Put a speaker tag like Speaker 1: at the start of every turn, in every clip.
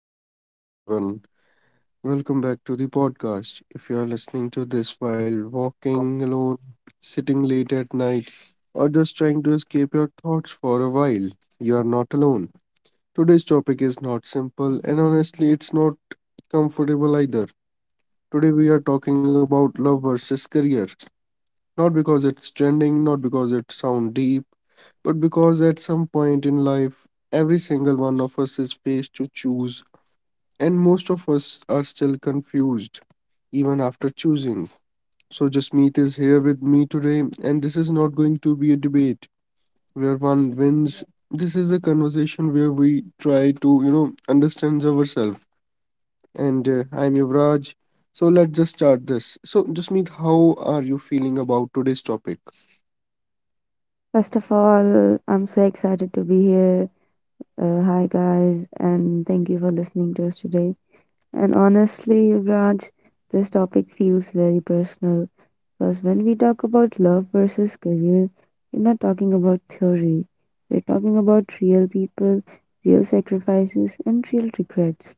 Speaker 1: guys, hello everyone. Welcome back to the podcast. If you are listening to this while walking alone, sitting late at night, or just trying to escape your thoughts for a while, you are not alone. Today's topic is not simple, and honestly, it's not comfortable either. Today, we are talking about love versus career. Not because it's trending, not because it sounds deep, but because at some point in life, every single one of us is faced to choose. And most of us are still confused, even after choosing. So, Jasmeet is here with me today, and this is not going to be a debate where one wins. This is a conversation where we try to, understand ourselves. And I'm Yuvraj. So, let's just start this. So, Jasmeet, how are you feeling about today's topic?
Speaker 2: First of all, I'm so excited to be here. Hi, guys, and thank you for listening to us today. And honestly, Raj, this topic feels very personal because when we talk about love versus career, we're not talking about theory, we're talking about real people, real sacrifices, and real regrets.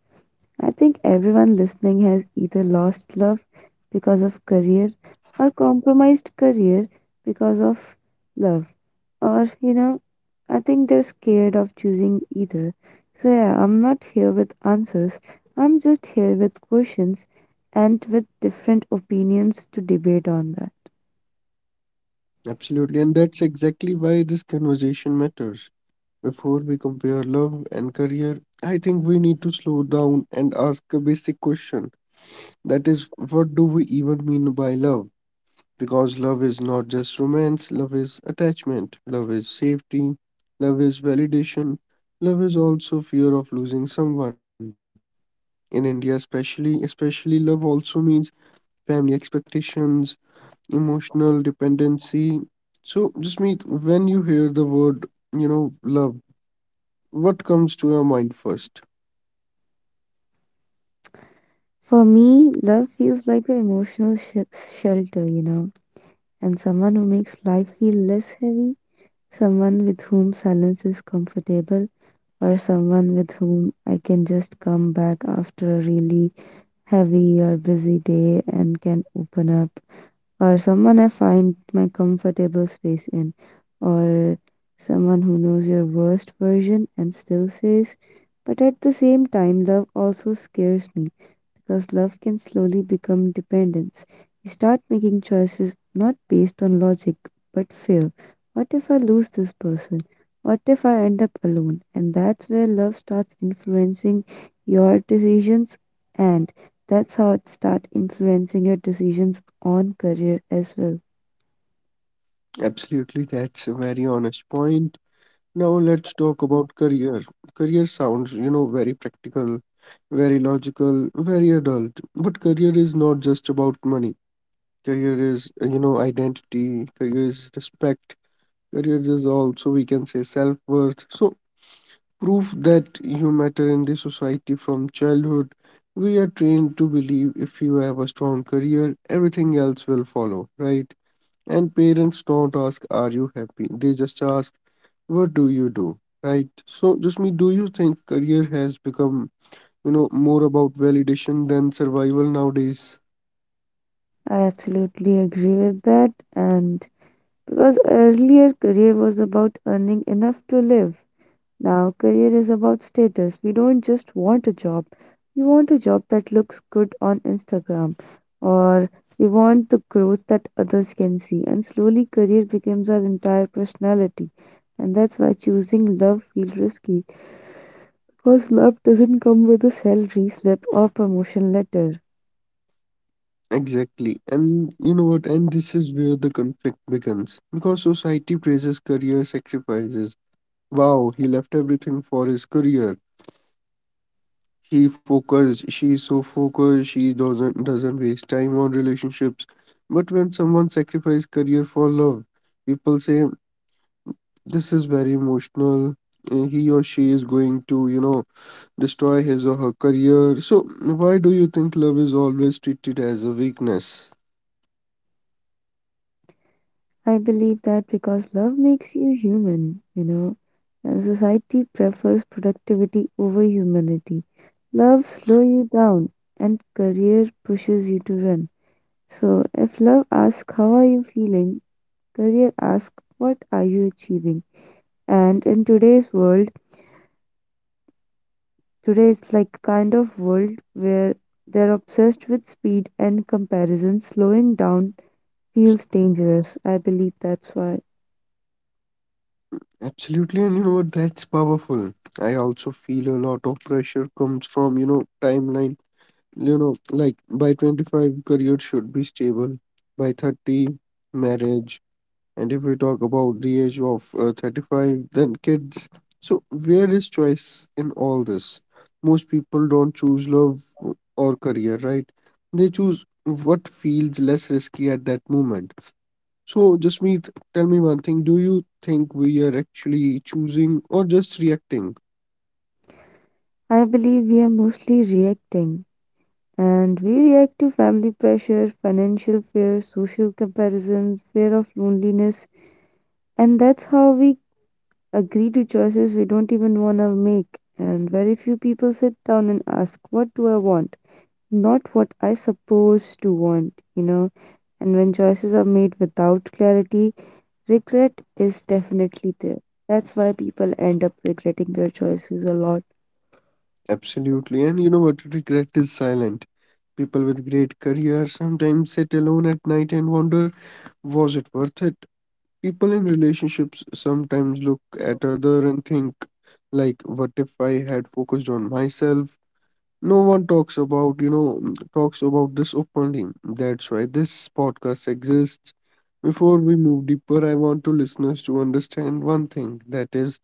Speaker 2: I think everyone listening has either lost love because of career or compromised career because of love. Or, you know, I think they're scared of choosing either. So, yeah, I'm not here with answers. I'm just here with questions and with different opinions to debate on that.
Speaker 1: Absolutely. And that's exactly why this conversation matters. Before we compare love and career, I think we need to slow down and ask a basic question. That is, what do we even mean by love? Because love is not just romance, love is attachment, love is safety, love is validation, love is also fear of losing someone. In India, especially love also means family expectations, emotional dependency. So, just meet when you hear the word, love, what comes to your mind first?
Speaker 2: For me, love feels like an emotional shelter, you know, and someone who makes life feel less heavy, someone with whom silence is comfortable or someone with whom I can just come back after a really heavy or busy day and can open up or someone I find my comfortable space in, or someone who knows your worst version and still says, but at the same time, love also scares me because love can slowly become dependence. You start making choices not based on logic but fear. What if I lose this person? What if I end up alone? And that's where love starts influencing your decisions, and that's how it starts influencing your decisions on career as well.
Speaker 1: Absolutely, that's a very honest point. Now let's talk about career. Career sounds, very practical, very logical, very adult. But career is not just about money. Career is, identity, career is respect, career is also, we can say, self-worth. So proof that you matter in the society from childhood. We are trained to believe if you have a strong career, everything else will follow, right? And parents don't ask, "Are you happy?" They just ask, "What do you do?" Right? So, Jusmi, do you think career has become, more about validation than survival nowadays?
Speaker 2: I absolutely agree with that. And because earlier career was about earning enough to live, now career is about status. We don't just want a job, we want a job that looks good on Instagram, or we want the growth that others can see. And slowly, career becomes our entire personality. And that's why choosing love feels risky because love doesn't come with a salary slip or promotion letter.
Speaker 1: Exactly. And you know what? And this is where the conflict begins. Because society praises career sacrifices. Wow, he left everything for his career. He focused, she's so focused, she doesn't waste time on relationships. But when someone sacrifices career for love, people say this is very emotional. He or she is going to, destroy his or her career. So, why do you think love is always treated as a weakness?
Speaker 2: I believe that because love makes you human, you know, and society prefers productivity over humanity. Love slows you down and career pushes you to run. So if love asks how are you feeling, career asks what are you achieving. And in today's world, today's like kind of world where they're obsessed with speed and comparison, slowing down feels dangerous. I believe that's why.
Speaker 1: Absolutely, and you know what? That's powerful. I also feel a lot of pressure comes from, timeline. You know, like by 25, career should be stable. By 30, marriage. And if we talk about the age of 35, then kids. So, where is choice in all this? Most people don't choose love or career, right? They choose what feels less risky at that moment. So, Jasmeet, tell me one thing. Do you think we are actually choosing or just reacting?
Speaker 2: I believe we are mostly reacting. And we react to family pressure, financial fear, social comparisons, fear of loneliness. And that's how we agree to choices we don't even want to make. And very few people sit down and ask, what do I want? Not what I supposed to want, you know? And when choices are made without clarity, regret is definitely there. That's why people end up regretting their choices a lot.
Speaker 1: Absolutely. And you know what? Regret is silent. People with great careers sometimes sit alone at night and wonder, was it worth it? People in relationships sometimes look at other and think, like, what if I had focused on myself? No one talks about, this openly. That's why this podcast exists. Before we move deeper, I want to listeners to understand one thing, that is,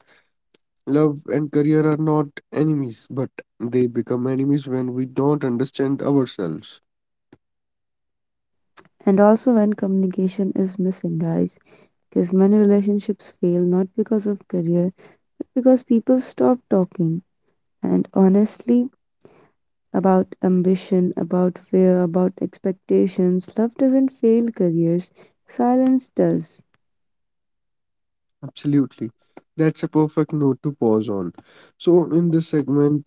Speaker 1: love and career are not enemies, but they become enemies when we don't understand ourselves.
Speaker 2: And also when communication is missing, guys, because many relationships fail not because of career, but because people stop talking. And honestly, about ambition, about fear, about expectations, love doesn't fail careers, silence does.
Speaker 1: Absolutely. That's a perfect note to pause on. So, in this segment—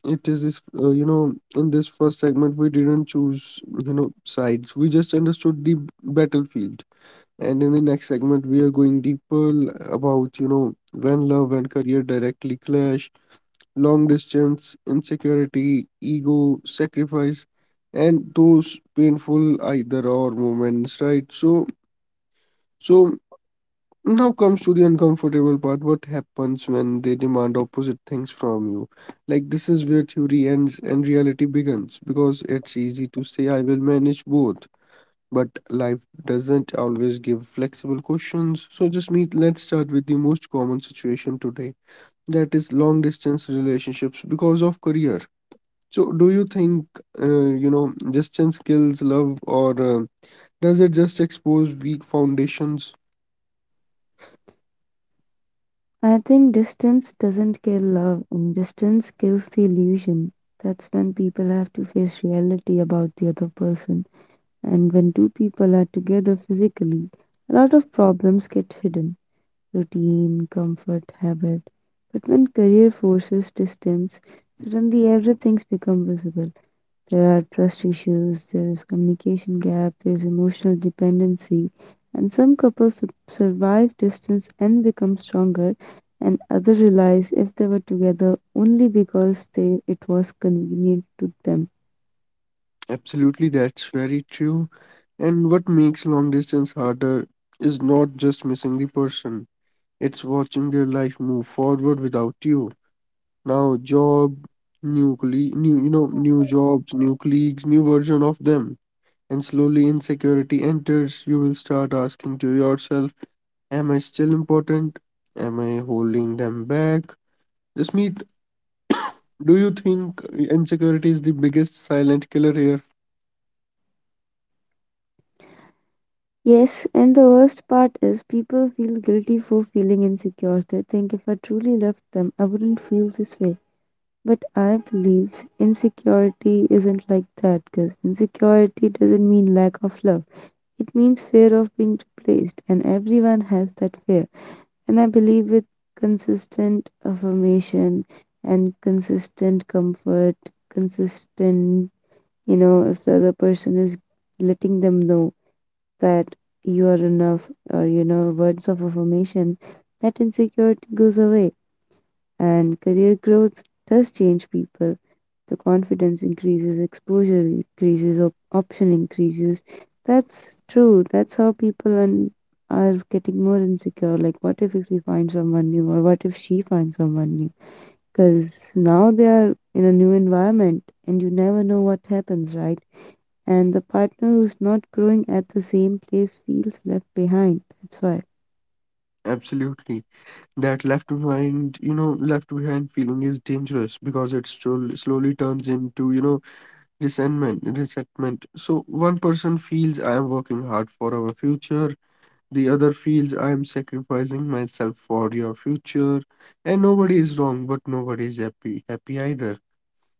Speaker 1: it is this, in this first segment, we didn't choose, sides. We just understood the battlefield. And in the next segment, we are going deeper about, when love and career directly clash, long distance, insecurity, ego, sacrifice, and those painful either or moments, right? So now comes to the uncomfortable part. What happens when they demand opposite things from you? Like, this is where theory ends and reality begins, because it's easy to say, I will manage both. But life doesn't always give flexible questions. So, just meet, let's start with the most common situation today, that is long distance relationships because of career. So, do you think, distance kills love, or does it just expose weak foundations?
Speaker 2: I think distance doesn't kill love, and distance kills the illusion. That's when people have to face reality about the other person. And when two people are together physically, a lot of problems get hidden routine, comfort, habit. But when career forces distance, suddenly everything's become visible. There are trust issues, there is communication gap, there is emotional dependency, and some couples survive distance and become stronger, and others realize if they were together only because they it was convenient to them.
Speaker 1: Absolutely, that's very true. And what makes long distance harder is not just missing the person, it's watching their life move forward without you. Now, jobs, new colleagues, new version of them. And slowly insecurity enters, you will start asking to yourself, am I still important? Am I holding them back? Just meet, do you think insecurity is the biggest silent killer here?
Speaker 2: Yes, and the worst part is people feel guilty for feeling insecure. They think if I truly loved them, I wouldn't feel this way. But I believe insecurity isn't like that because insecurity doesn't mean lack of love. It means fear of being replaced, and everyone has that fear. And I believe with consistent affirmation and consistent comfort, consistent, you know, if the other person is letting them know that you are enough or you know words of affirmation that insecurity goes away and career growth does change people, the confidence increases, exposure increases, option increases. That's true, that's how people and are getting more insecure, like what if we find someone new or what if she finds someone new, because now they are in a new environment and you never know what happens, right? And the partner who's not growing at the same place feels left behind. That's why.
Speaker 1: Absolutely. That left behind feeling is dangerous, because it slowly turns into, resentment. So one person feels I am working hard for our future, the other feels I am sacrificing myself for your future, and nobody is wrong, but nobody is happy either.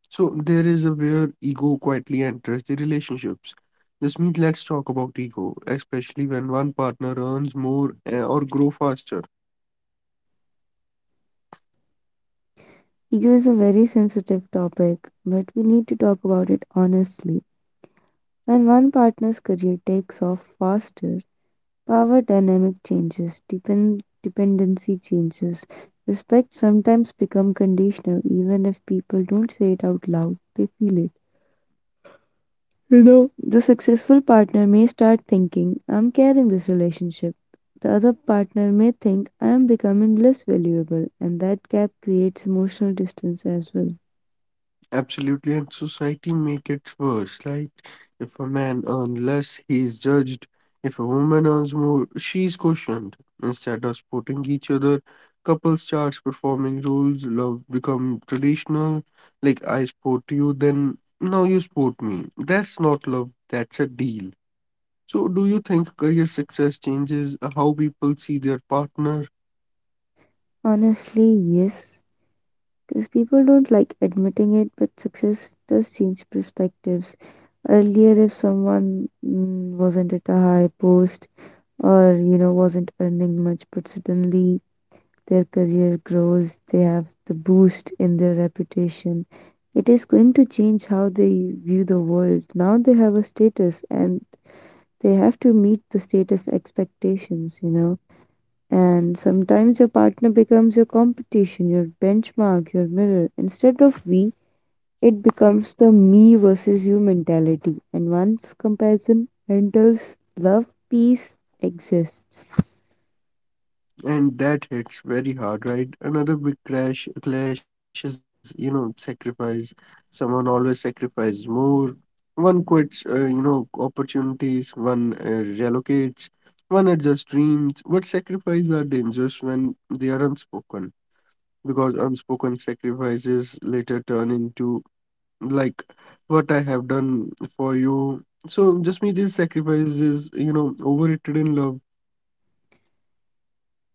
Speaker 1: So there is a where ego quietly enters the relationships. This means let's talk about ego, especially when one partner earns more or grow faster.
Speaker 2: Ego is a very sensitive topic, but we need to talk about it honestly. When one partner's career takes off faster, power dynamic changes, dependency changes, respect sometimes become conditional even if people don't say it out loud, they feel it. You know, the successful partner may start thinking, I'm carrying this relationship. The other partner may think, I am becoming less valuable, and that gap creates emotional distance as well.
Speaker 1: Absolutely, and society make it worse. Like, if a man earns less, he is judged. If a woman earns more, she is questioned. Instead of supporting each other, couples starts performing roles. Love become traditional. Like, I support you, then now you support me. That's not love. That's a deal. So, do you think career success changes how people see their partner?
Speaker 2: Honestly, yes, because people don't like admitting it, but success does change perspectives. Earlier, if someone wasn't at a high post or, you know, wasn't earning much, but suddenly their career grows, they have the boost in their reputation. It is going to change how they view the world. Now they have a status and they have to meet the status expectations, you know. And sometimes your partner becomes your competition, your benchmark, your mirror. Instead of we, it becomes the me versus you mentality. And once comparison enters, love, peace exists.
Speaker 1: And that hits very hard, right? Another big crash clash is, sacrifice. Someone always sacrifices more. One quits, opportunities. One relocates. One adjusts dreams. But sacrifices are dangerous when they are unspoken, because unspoken sacrifices later turn into, like, what I have done for you. So just me, these sacrifices, overrated in love?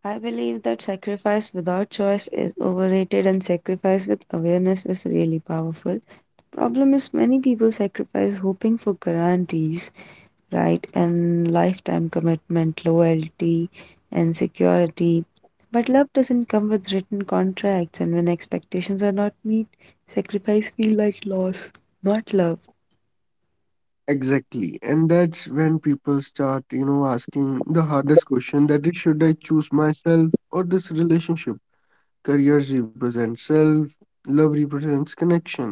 Speaker 2: I believe that sacrifice without choice is overrated and sacrifice with awareness is really powerful. Problem is many people sacrifice hoping for guarantees, right, and lifetime commitment, loyalty, and security. But love doesn't come with written contracts and when expectations are not met, sacrifice feel like loss, not love.
Speaker 1: Exactly. And that's when people start, asking the hardest question, that is, should I choose myself or this relationship? Careers represent self, love represents connections.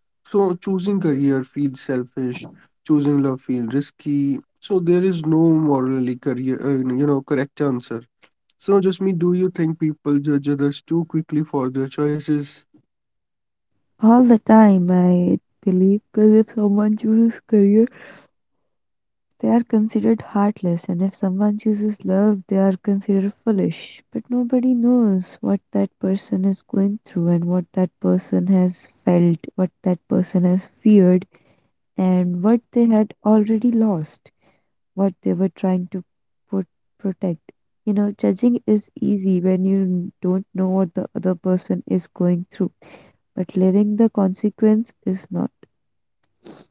Speaker 1: So choosing career feels selfish, choosing love feels risky. So there is no morally correct answer. So just me, do you think people judge others too quickly for their choices?
Speaker 2: All the time I believe because if someone chooses career, they are considered heartless, and if someone chooses love, they are considered foolish. But nobody knows what that person is going through, and what that person has felt, what that person has feared, and what they had already lost, what they were trying to put, protect. You know, judging is easy when you don't know what the other person is going through, but living the consequence is not.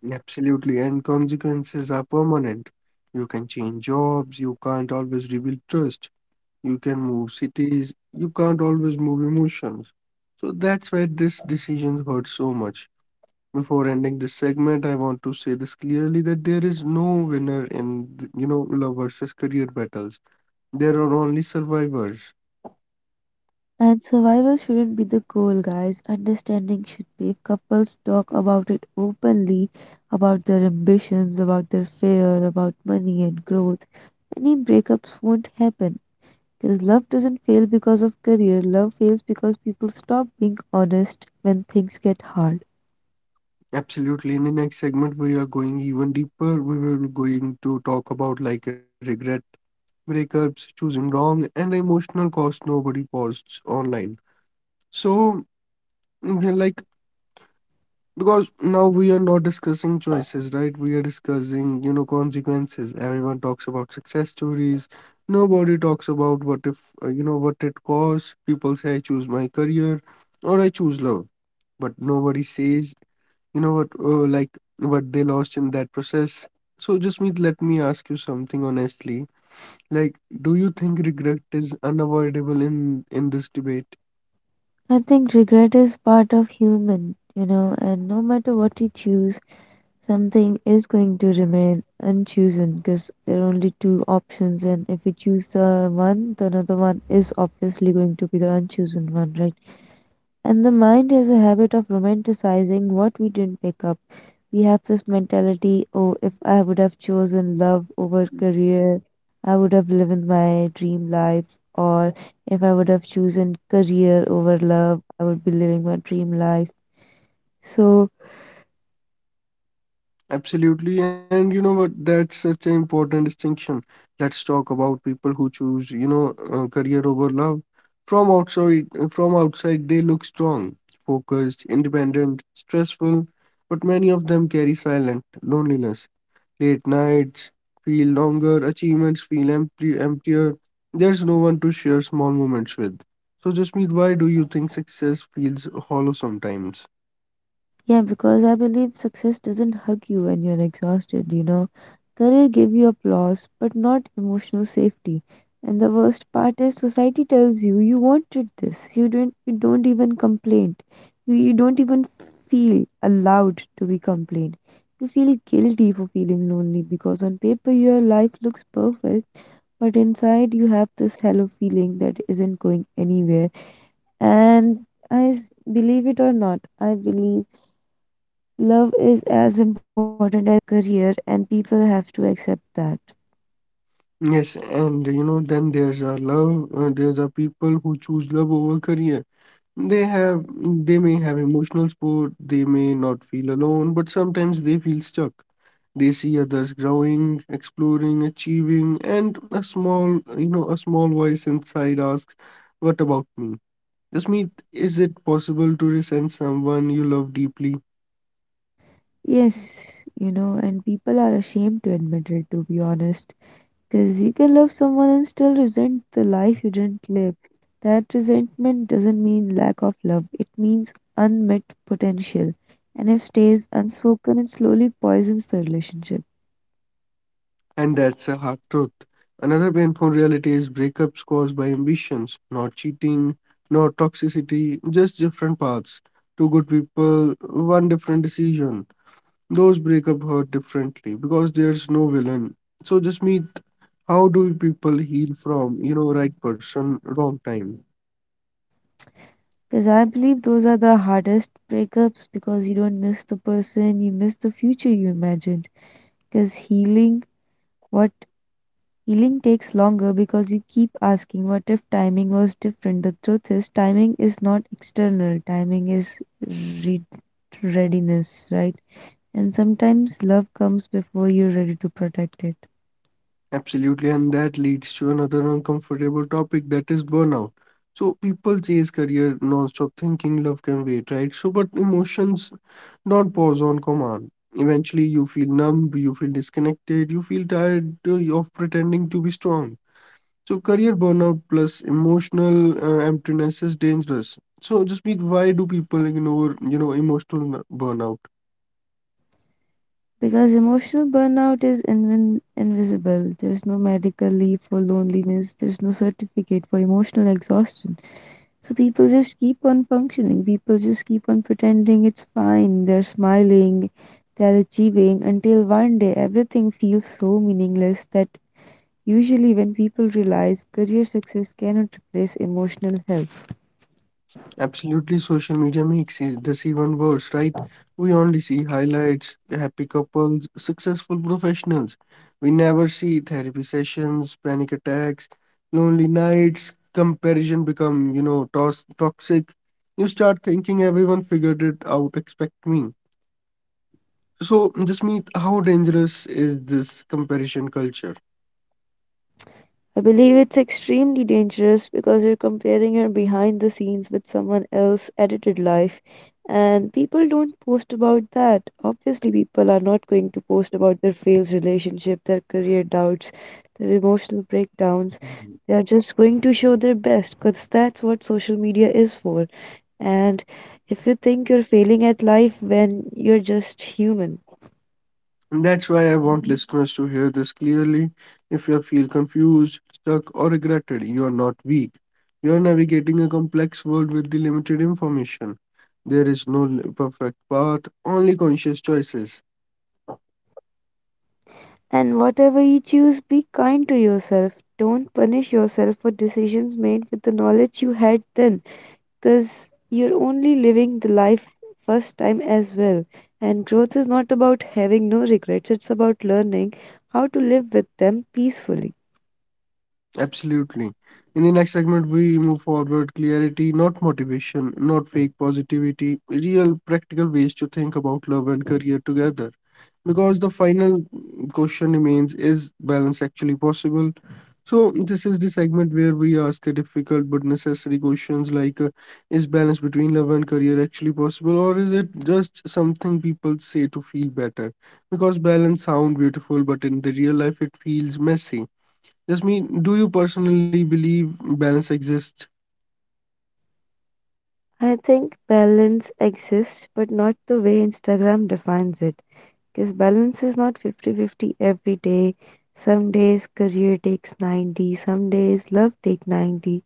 Speaker 1: Absolutely, and consequences are permanent. You can change jobs, you can't always rebuild trust, you can move cities, you can't always move emotions. So that's why this decision hurts so much. Before ending this segment, I want to say this clearly, that there is no winner in, love versus career battles. There are only survivors.
Speaker 2: And survival shouldn't be the goal, guys. Understanding should be. If couples talk about it openly, about their ambitions, about their fear, about money and growth, any breakups won't happen. Because love doesn't fail because of career, love fails because people stop being honest when things get hard.
Speaker 1: Absolutely. In the next segment, we are going even deeper. We will going to talk about, like, regret, breakups, choosing wrong, and the emotional cost nobody posts online. So, yeah, like, because now we are not discussing choices, right? We are discussing, consequences. Everyone talks about success stories. Nobody talks about what if, what it costs. People say, I choose my career or I choose love. But nobody says, you know what, like, what they lost in that process. So just me, let me ask you something honestly, like, do you think regret is unavoidable in this debate?
Speaker 2: I think regret is part of human, you know, and no matter what you choose, something is going to remain unchosen because there are only two options, and if you choose the one, the another one is obviously going to be the unchosen one, right? And the mind has a habit of romanticizing what we didn't pick up. We have this mentality oh, if I would have chosen love over career, I would have lived my dream life. Or if I would have chosen career over love, I would be living my dream life. So,
Speaker 1: Absolutely, and you know what, that's such an important distinction. Let's talk about people who choose, career over love. From outside they look strong, focused, independent, stressful, but many of them carry silent loneliness. Late nights feel longer, emptier. There's no one to share small moments with. So, Jasmeet, why do you think success feels hollow sometimes?
Speaker 2: yeah, because I believe success doesn't hug you when you're exhausted, you know. Career give you applause, but not emotional safety. And the worst part is society tells you you wanted this. You don't even complain. You don't even feel allowed to be complained. You feel guilty for feeling lonely because on paper your life looks perfect, but inside you have this hollow feeling that isn't going anywhere. And I s- believe it or not, I believe love is as important as career, and people have to accept that.
Speaker 1: Yes, and you know, then there's our love. There's our people who choose love over career. They have, they may have emotional support. They may not feel alone, but sometimes they feel stuck. They see others growing, exploring, achieving, and a a small voice inside asks, "What about me?" Jasmeet, is it possible to resent someone you love deeply?
Speaker 2: Yes, you know, and people are ashamed to admit it, to be honest. Because you can love someone and still resent the life you didn't live. That resentment doesn't mean lack of love, it means unmet potential. And if stays unspoken, it slowly poisons the relationship.
Speaker 1: And that's a hard truth. Another painful reality is breakups caused by ambitions, not cheating, not toxicity, just different paths. Two good people, one different decision. Those breakup hurt differently because there's no villain. So Jasmeet, how do people heal from, right person, wrong time?
Speaker 2: Because I believe those are the hardest breakups because you don't miss the person, you miss the future you imagined. Because healing what healing takes longer because you keep asking, what if timing was different? The truth is, timing is not external, timing is re- readiness, right? And sometimes love comes before you're ready to protect it.
Speaker 1: Absolutely, and that leads to another uncomfortable topic, that is burnout. So people chase career non-stop thinking love can wait, right? So but emotions don't pause on command. Eventually you feel numb, you feel disconnected, you feel tired of pretending to be strong. So career burnout plus emotional emptiness is dangerous. So just mean why do people ignore, emotional burnout?
Speaker 2: Because emotional burnout is invin invisible. There's no medical leave for loneliness, there's no certificate for emotional exhaustion. So people just keep on functioning. People just keep on pretending it's fine. They're smiling, they're achieving until one day everything feels so meaningless that usually when people realize career success cannot replace emotional health.
Speaker 1: Absolutely, social media makes this even worse, right? We only see highlights, happy couples, successful professionals. We never see therapy sessions, panic attacks, lonely nights, comparison become, you know, tos toxic. You start thinking everyone figured it out, expect me. So, Jasmeet, how dangerous is this comparison culture?
Speaker 2: I believe it's extremely dangerous because you're comparing your behind the scenes with someone else's edited life, and people don't post about that. Obviously, people are not going to post about their fails relationship, their career doubts, their emotional breakdowns. They are just going to show their best because that's what social media is for. And if you think you're failing at life when you're just human,
Speaker 1: And that's why I want listeners to hear this clearly. If you feel confused, stuck, or regretted, you are not weak. You are navigating a complex world with the limited information. There is no perfect path, only conscious choices.
Speaker 2: and whatever you choose, be kind to yourself. Don't punish yourself for decisions made with the knowledge you had then, because you're only living the life first time as well. And growth is not about having no regrets, it's about learning how to live with them peacefully.
Speaker 1: Absolutely. In the next segment, we move forward clarity, not motivation, not fake positivity, real practical ways to think about love and career together. Because the final question remains, is balance actually possible? So, this is the segment where we ask a difficult but necessary questions like, is balance between love and career actually possible, or is it just something people say to feel better? Because balance sound beautiful, but in the real life, it feels messy. Just mean, do you personally believe balance exists?
Speaker 2: I think balance exists, but not the way Instagram defines it. Because balance is not fifty-fifty every day. Some days career takes 90, some days love take 90.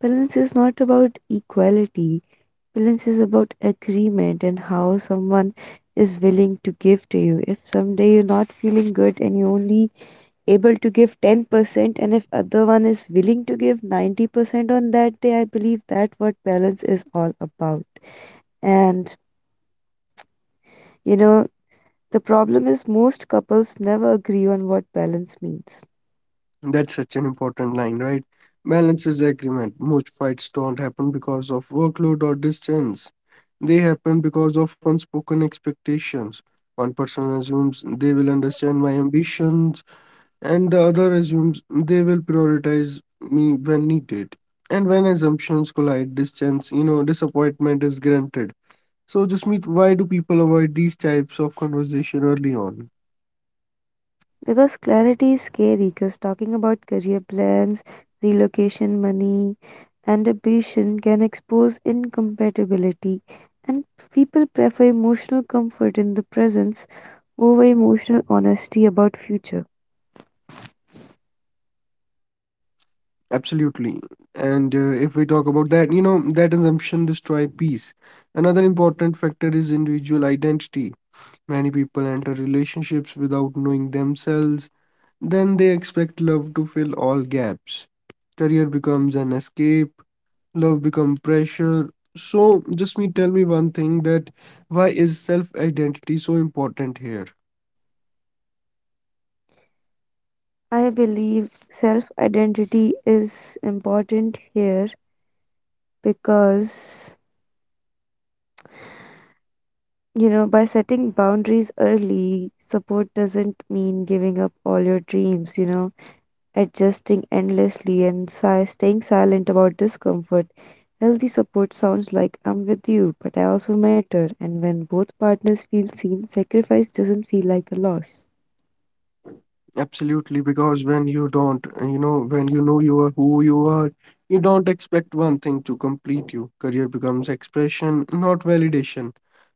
Speaker 2: Balance is not about equality. Balance is about agreement and how someone is willing to give to you. If someday you're not feeling good and you're only able to give 10%, and if other one is willing to give 90% on that day, I believe that what balance is all about. And you know, the problem is most couples never agree on what balance means.
Speaker 1: That's such an important line, right? Balance is agreement. Most fights don't happen because of workload or distance. They happen because of unspoken expectations. One person assumes they will understand my ambitions, and the other assumes they will prioritize me when needed. And when assumptions collide, distance, you know, disappointment is granted. So, just meet, why do people avoid these types of conversation early on?
Speaker 2: Because clarity is scary, because talking about career plans, relocation money, and ambition can expose incompatibility. And people prefer emotional comfort in the presence over emotional honesty about future.
Speaker 1: Absolutely. And if we talk about that, you know, that assumption destroy peace. Another important factor is individual identity. Many people enter relationships without knowing themselves. Then they expect love to fill all gaps. Career becomes an escape. Love becomes pressure. So just me tell me one thing that why is self-identity so important here?
Speaker 2: I believe self identity is important here because, by setting boundaries early, support doesn't mean giving up all your dreams, adjusting endlessly and staying silent about discomfort. Healthy support sounds like, I'm with you, but I also matter. And when both partners feel seen, sacrifice doesn't feel like a loss.
Speaker 1: Absolutely, because when you don't, you know, when you know you are who you are, you don't expect one thing to complete you. Career becomes expression, not validation.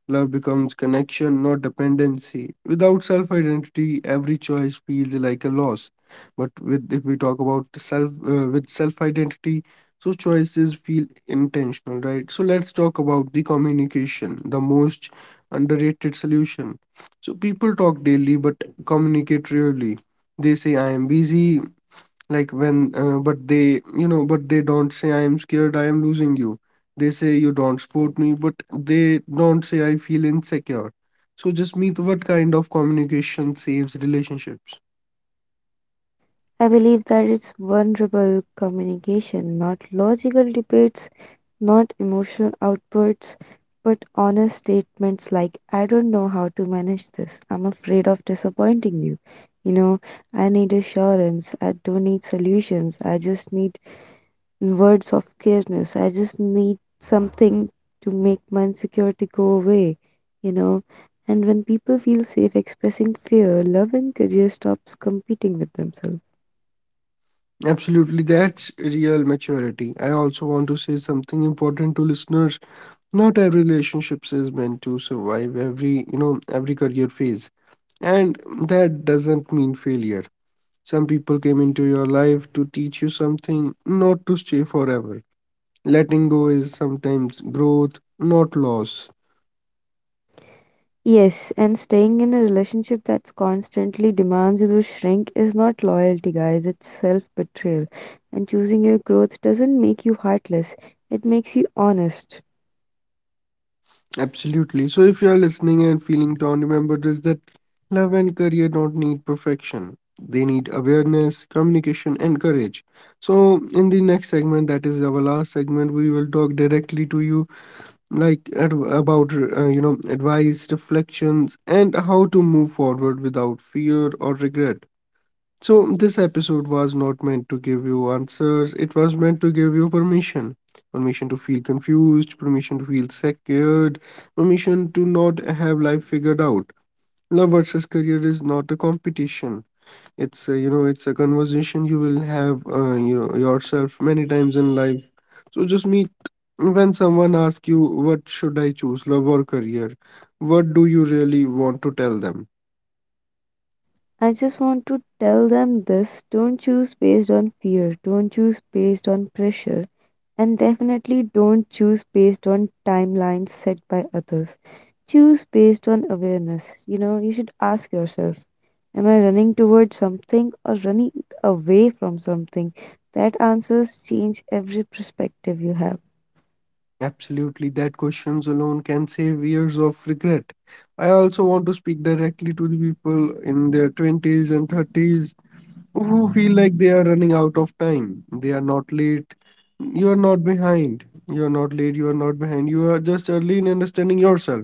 Speaker 1: Love becomes connection, not dependency. Without self identity, every choice feels like a loss. But with if we talk about self with self identity, so choices feel intentional, right? So let's talk about the communication, the most underrated solution. So people talk daily but communicate rarely. They say I am busy, like when but they, but they don't say I am scared, I am losing you. They say you don't support me, but they don't say I feel insecure. So just meet, what kind of communication saves relationships?
Speaker 2: I believe that it's vulnerable communication, not logical debates, not emotional outbursts, but honest statements like, I don't know how to manage this. I'm afraid of disappointing you. You know, I need assurance. I don't need solutions. I just need words of careness. I just need something to make my insecurity go away, you know. And when people feel safe expressing fear, love and career stops competing with themselves.
Speaker 1: Absolutely, that's real maturity. I also want to say something important to listeners. Not every relationship is meant to survive every, every career phase, and that doesn't mean failure. Some people came into your life to teach you something, not to stay forever. Letting go is sometimes growth, not loss.
Speaker 2: Yes, and staying in a relationship that's constantly demands you to shrink is not loyalty, guys. It's self betrayal. And choosing your growth doesn't make you heartless, it makes you honest.
Speaker 1: Absolutely. So if you are listening and feeling down, remember this, that love and career don't need perfection. They need awareness, communication, and courage. So in the next segment, that is our last segment, we will talk directly to you, like about advice, reflections, and how to move forward without fear or regret. So, this episode was not meant to give you answers, it was meant to give you permission. Permission to feel confused, permission to feel scared, permission to not have life figured out. Love versus career is not a competition. It's a, it's a conversation you will have, yourself many times in life. So just meet, when someone asks you, "What should I choose, love or career?" What do you really want to tell them?
Speaker 2: I just want to tell them this, don't choose based on fear, don't choose based on pressure. And definitely don't choose based on timelines set by others. Choose based on awareness. You know, you should ask yourself, am I running towards something or running away from something? That answers change every perspective you have.
Speaker 1: Absolutely, that questions alone can save years of regret. I also want to speak directly to the people in their 20s and 30s who feel like they are running out of time. They are not late. You are not behind. You are not late. You are not behind. You are just early in understanding yourself.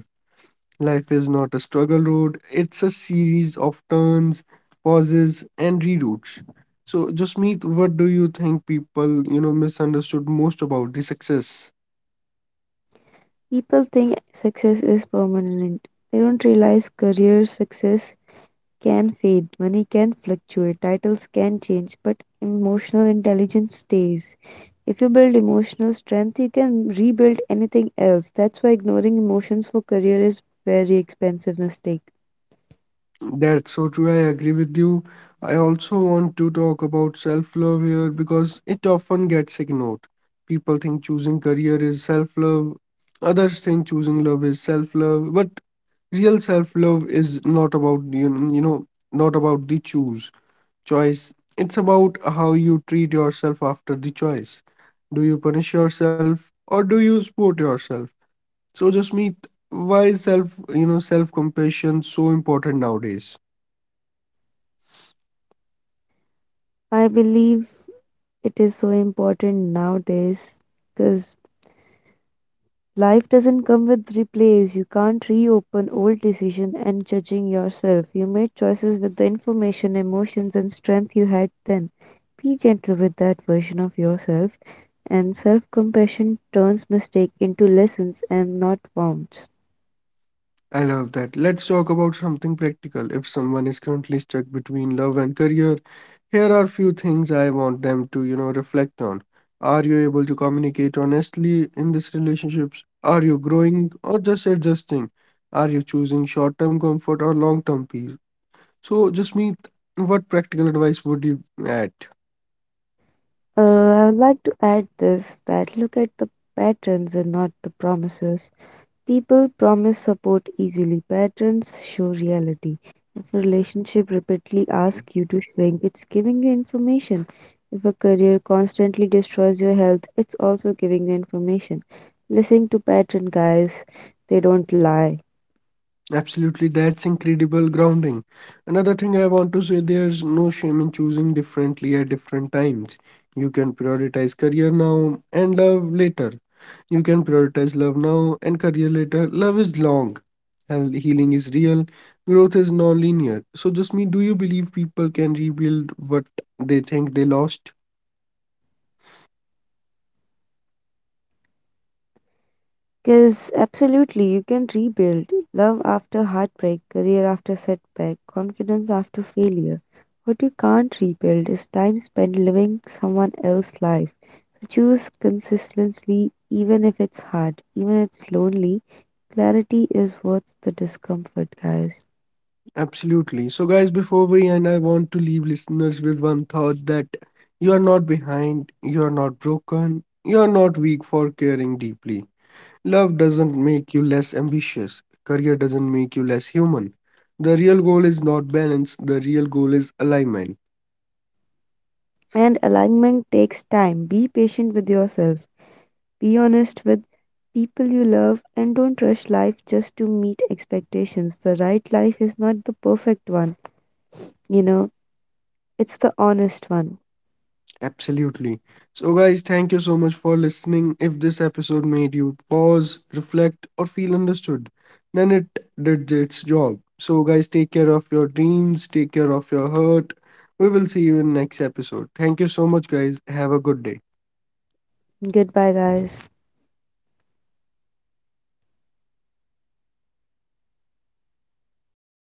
Speaker 1: Life is not a struggle road, it's a series of turns, pauses, and reroutes. So, Jasmeet, what do you think people, misunderstood most about the success?
Speaker 2: People think success is permanent. They don't realize career success can fade, money can fluctuate, titles can change, but emotional intelligence stays. If you build emotional strength, you can rebuild anything else. That's why ignoring emotions for career is very expensive mistake.
Speaker 1: That's so true. I agree with you. I also want to talk about self-love here because it often gets ignored. People think choosing career is self-love. Others think choosing love is self-love, but real self-love is not about not about the choose choice. It's about how you treat yourself after the choice. Do you punish yourself or do you support yourself? So just meet, why is self self-compassion so important nowadays?
Speaker 2: I believe it is so important nowadays because life doesn't come with replays. You can't reopen old decision and judging yourself. You made choices with the information, emotions and strength you had then. Be gentle with that version of yourself, and self-compassion turns mistake into lessons and not wounds.
Speaker 1: I love that. Let's talk about something practical. If someone is currently stuck between love and career, here are few things I want them to, reflect on. Are you able to communicate honestly in these relationships? Are you growing or just adjusting? Are you choosing short-term comfort or long-term peace? So, Jasmeet, what practical advice would you add?
Speaker 2: I would like to add this, that look at the patterns and not the promises. People promise support easily, patterns show reality. If a relationship repeatedly asks you to shrink, it's giving you information. If a career constantly destroys your health, it's also giving you information. Listen to pattern guys, they don't lie.
Speaker 1: Absolutely, that's incredible grounding. Another thing I want to say, there's no shame in choosing differently at different times. You can prioritize career now and love later. You can prioritize love now and career later. Love is long, healing is real, growth is non linear. So, just me, do you believe people can rebuild what they think they lost?
Speaker 2: Because absolutely, you can rebuild love after heartbreak, career after setback, confidence after failure. What you can't rebuild is time spent living someone else's life. So choose consistency, even if it's hard, even if it's lonely. Clarity is worth the discomfort, guys.
Speaker 1: Absolutely. So, guys, before we end, I want to leave listeners with one thought, that you are not behind, you are not broken, you are not weak for caring deeply. Love doesn't make you less ambitious, career doesn't make you less human. The real goal is not balance, the real goal is alignment.
Speaker 2: And alignment takes time. Be patient with yourself. Be honest with people you love, and don't rush life just to meet expectations. The right life is not the perfect one, you know, it's the honest one.
Speaker 1: Absolutely. So, guys, thank you so much for listening. If this episode made you pause, reflect, or feel understood, then it did its job. So, guys, take care of your dreams, take care of your hurt. We will see you in next episode. Thank you so much, guys. Have a good day.
Speaker 2: Goodbye, guys.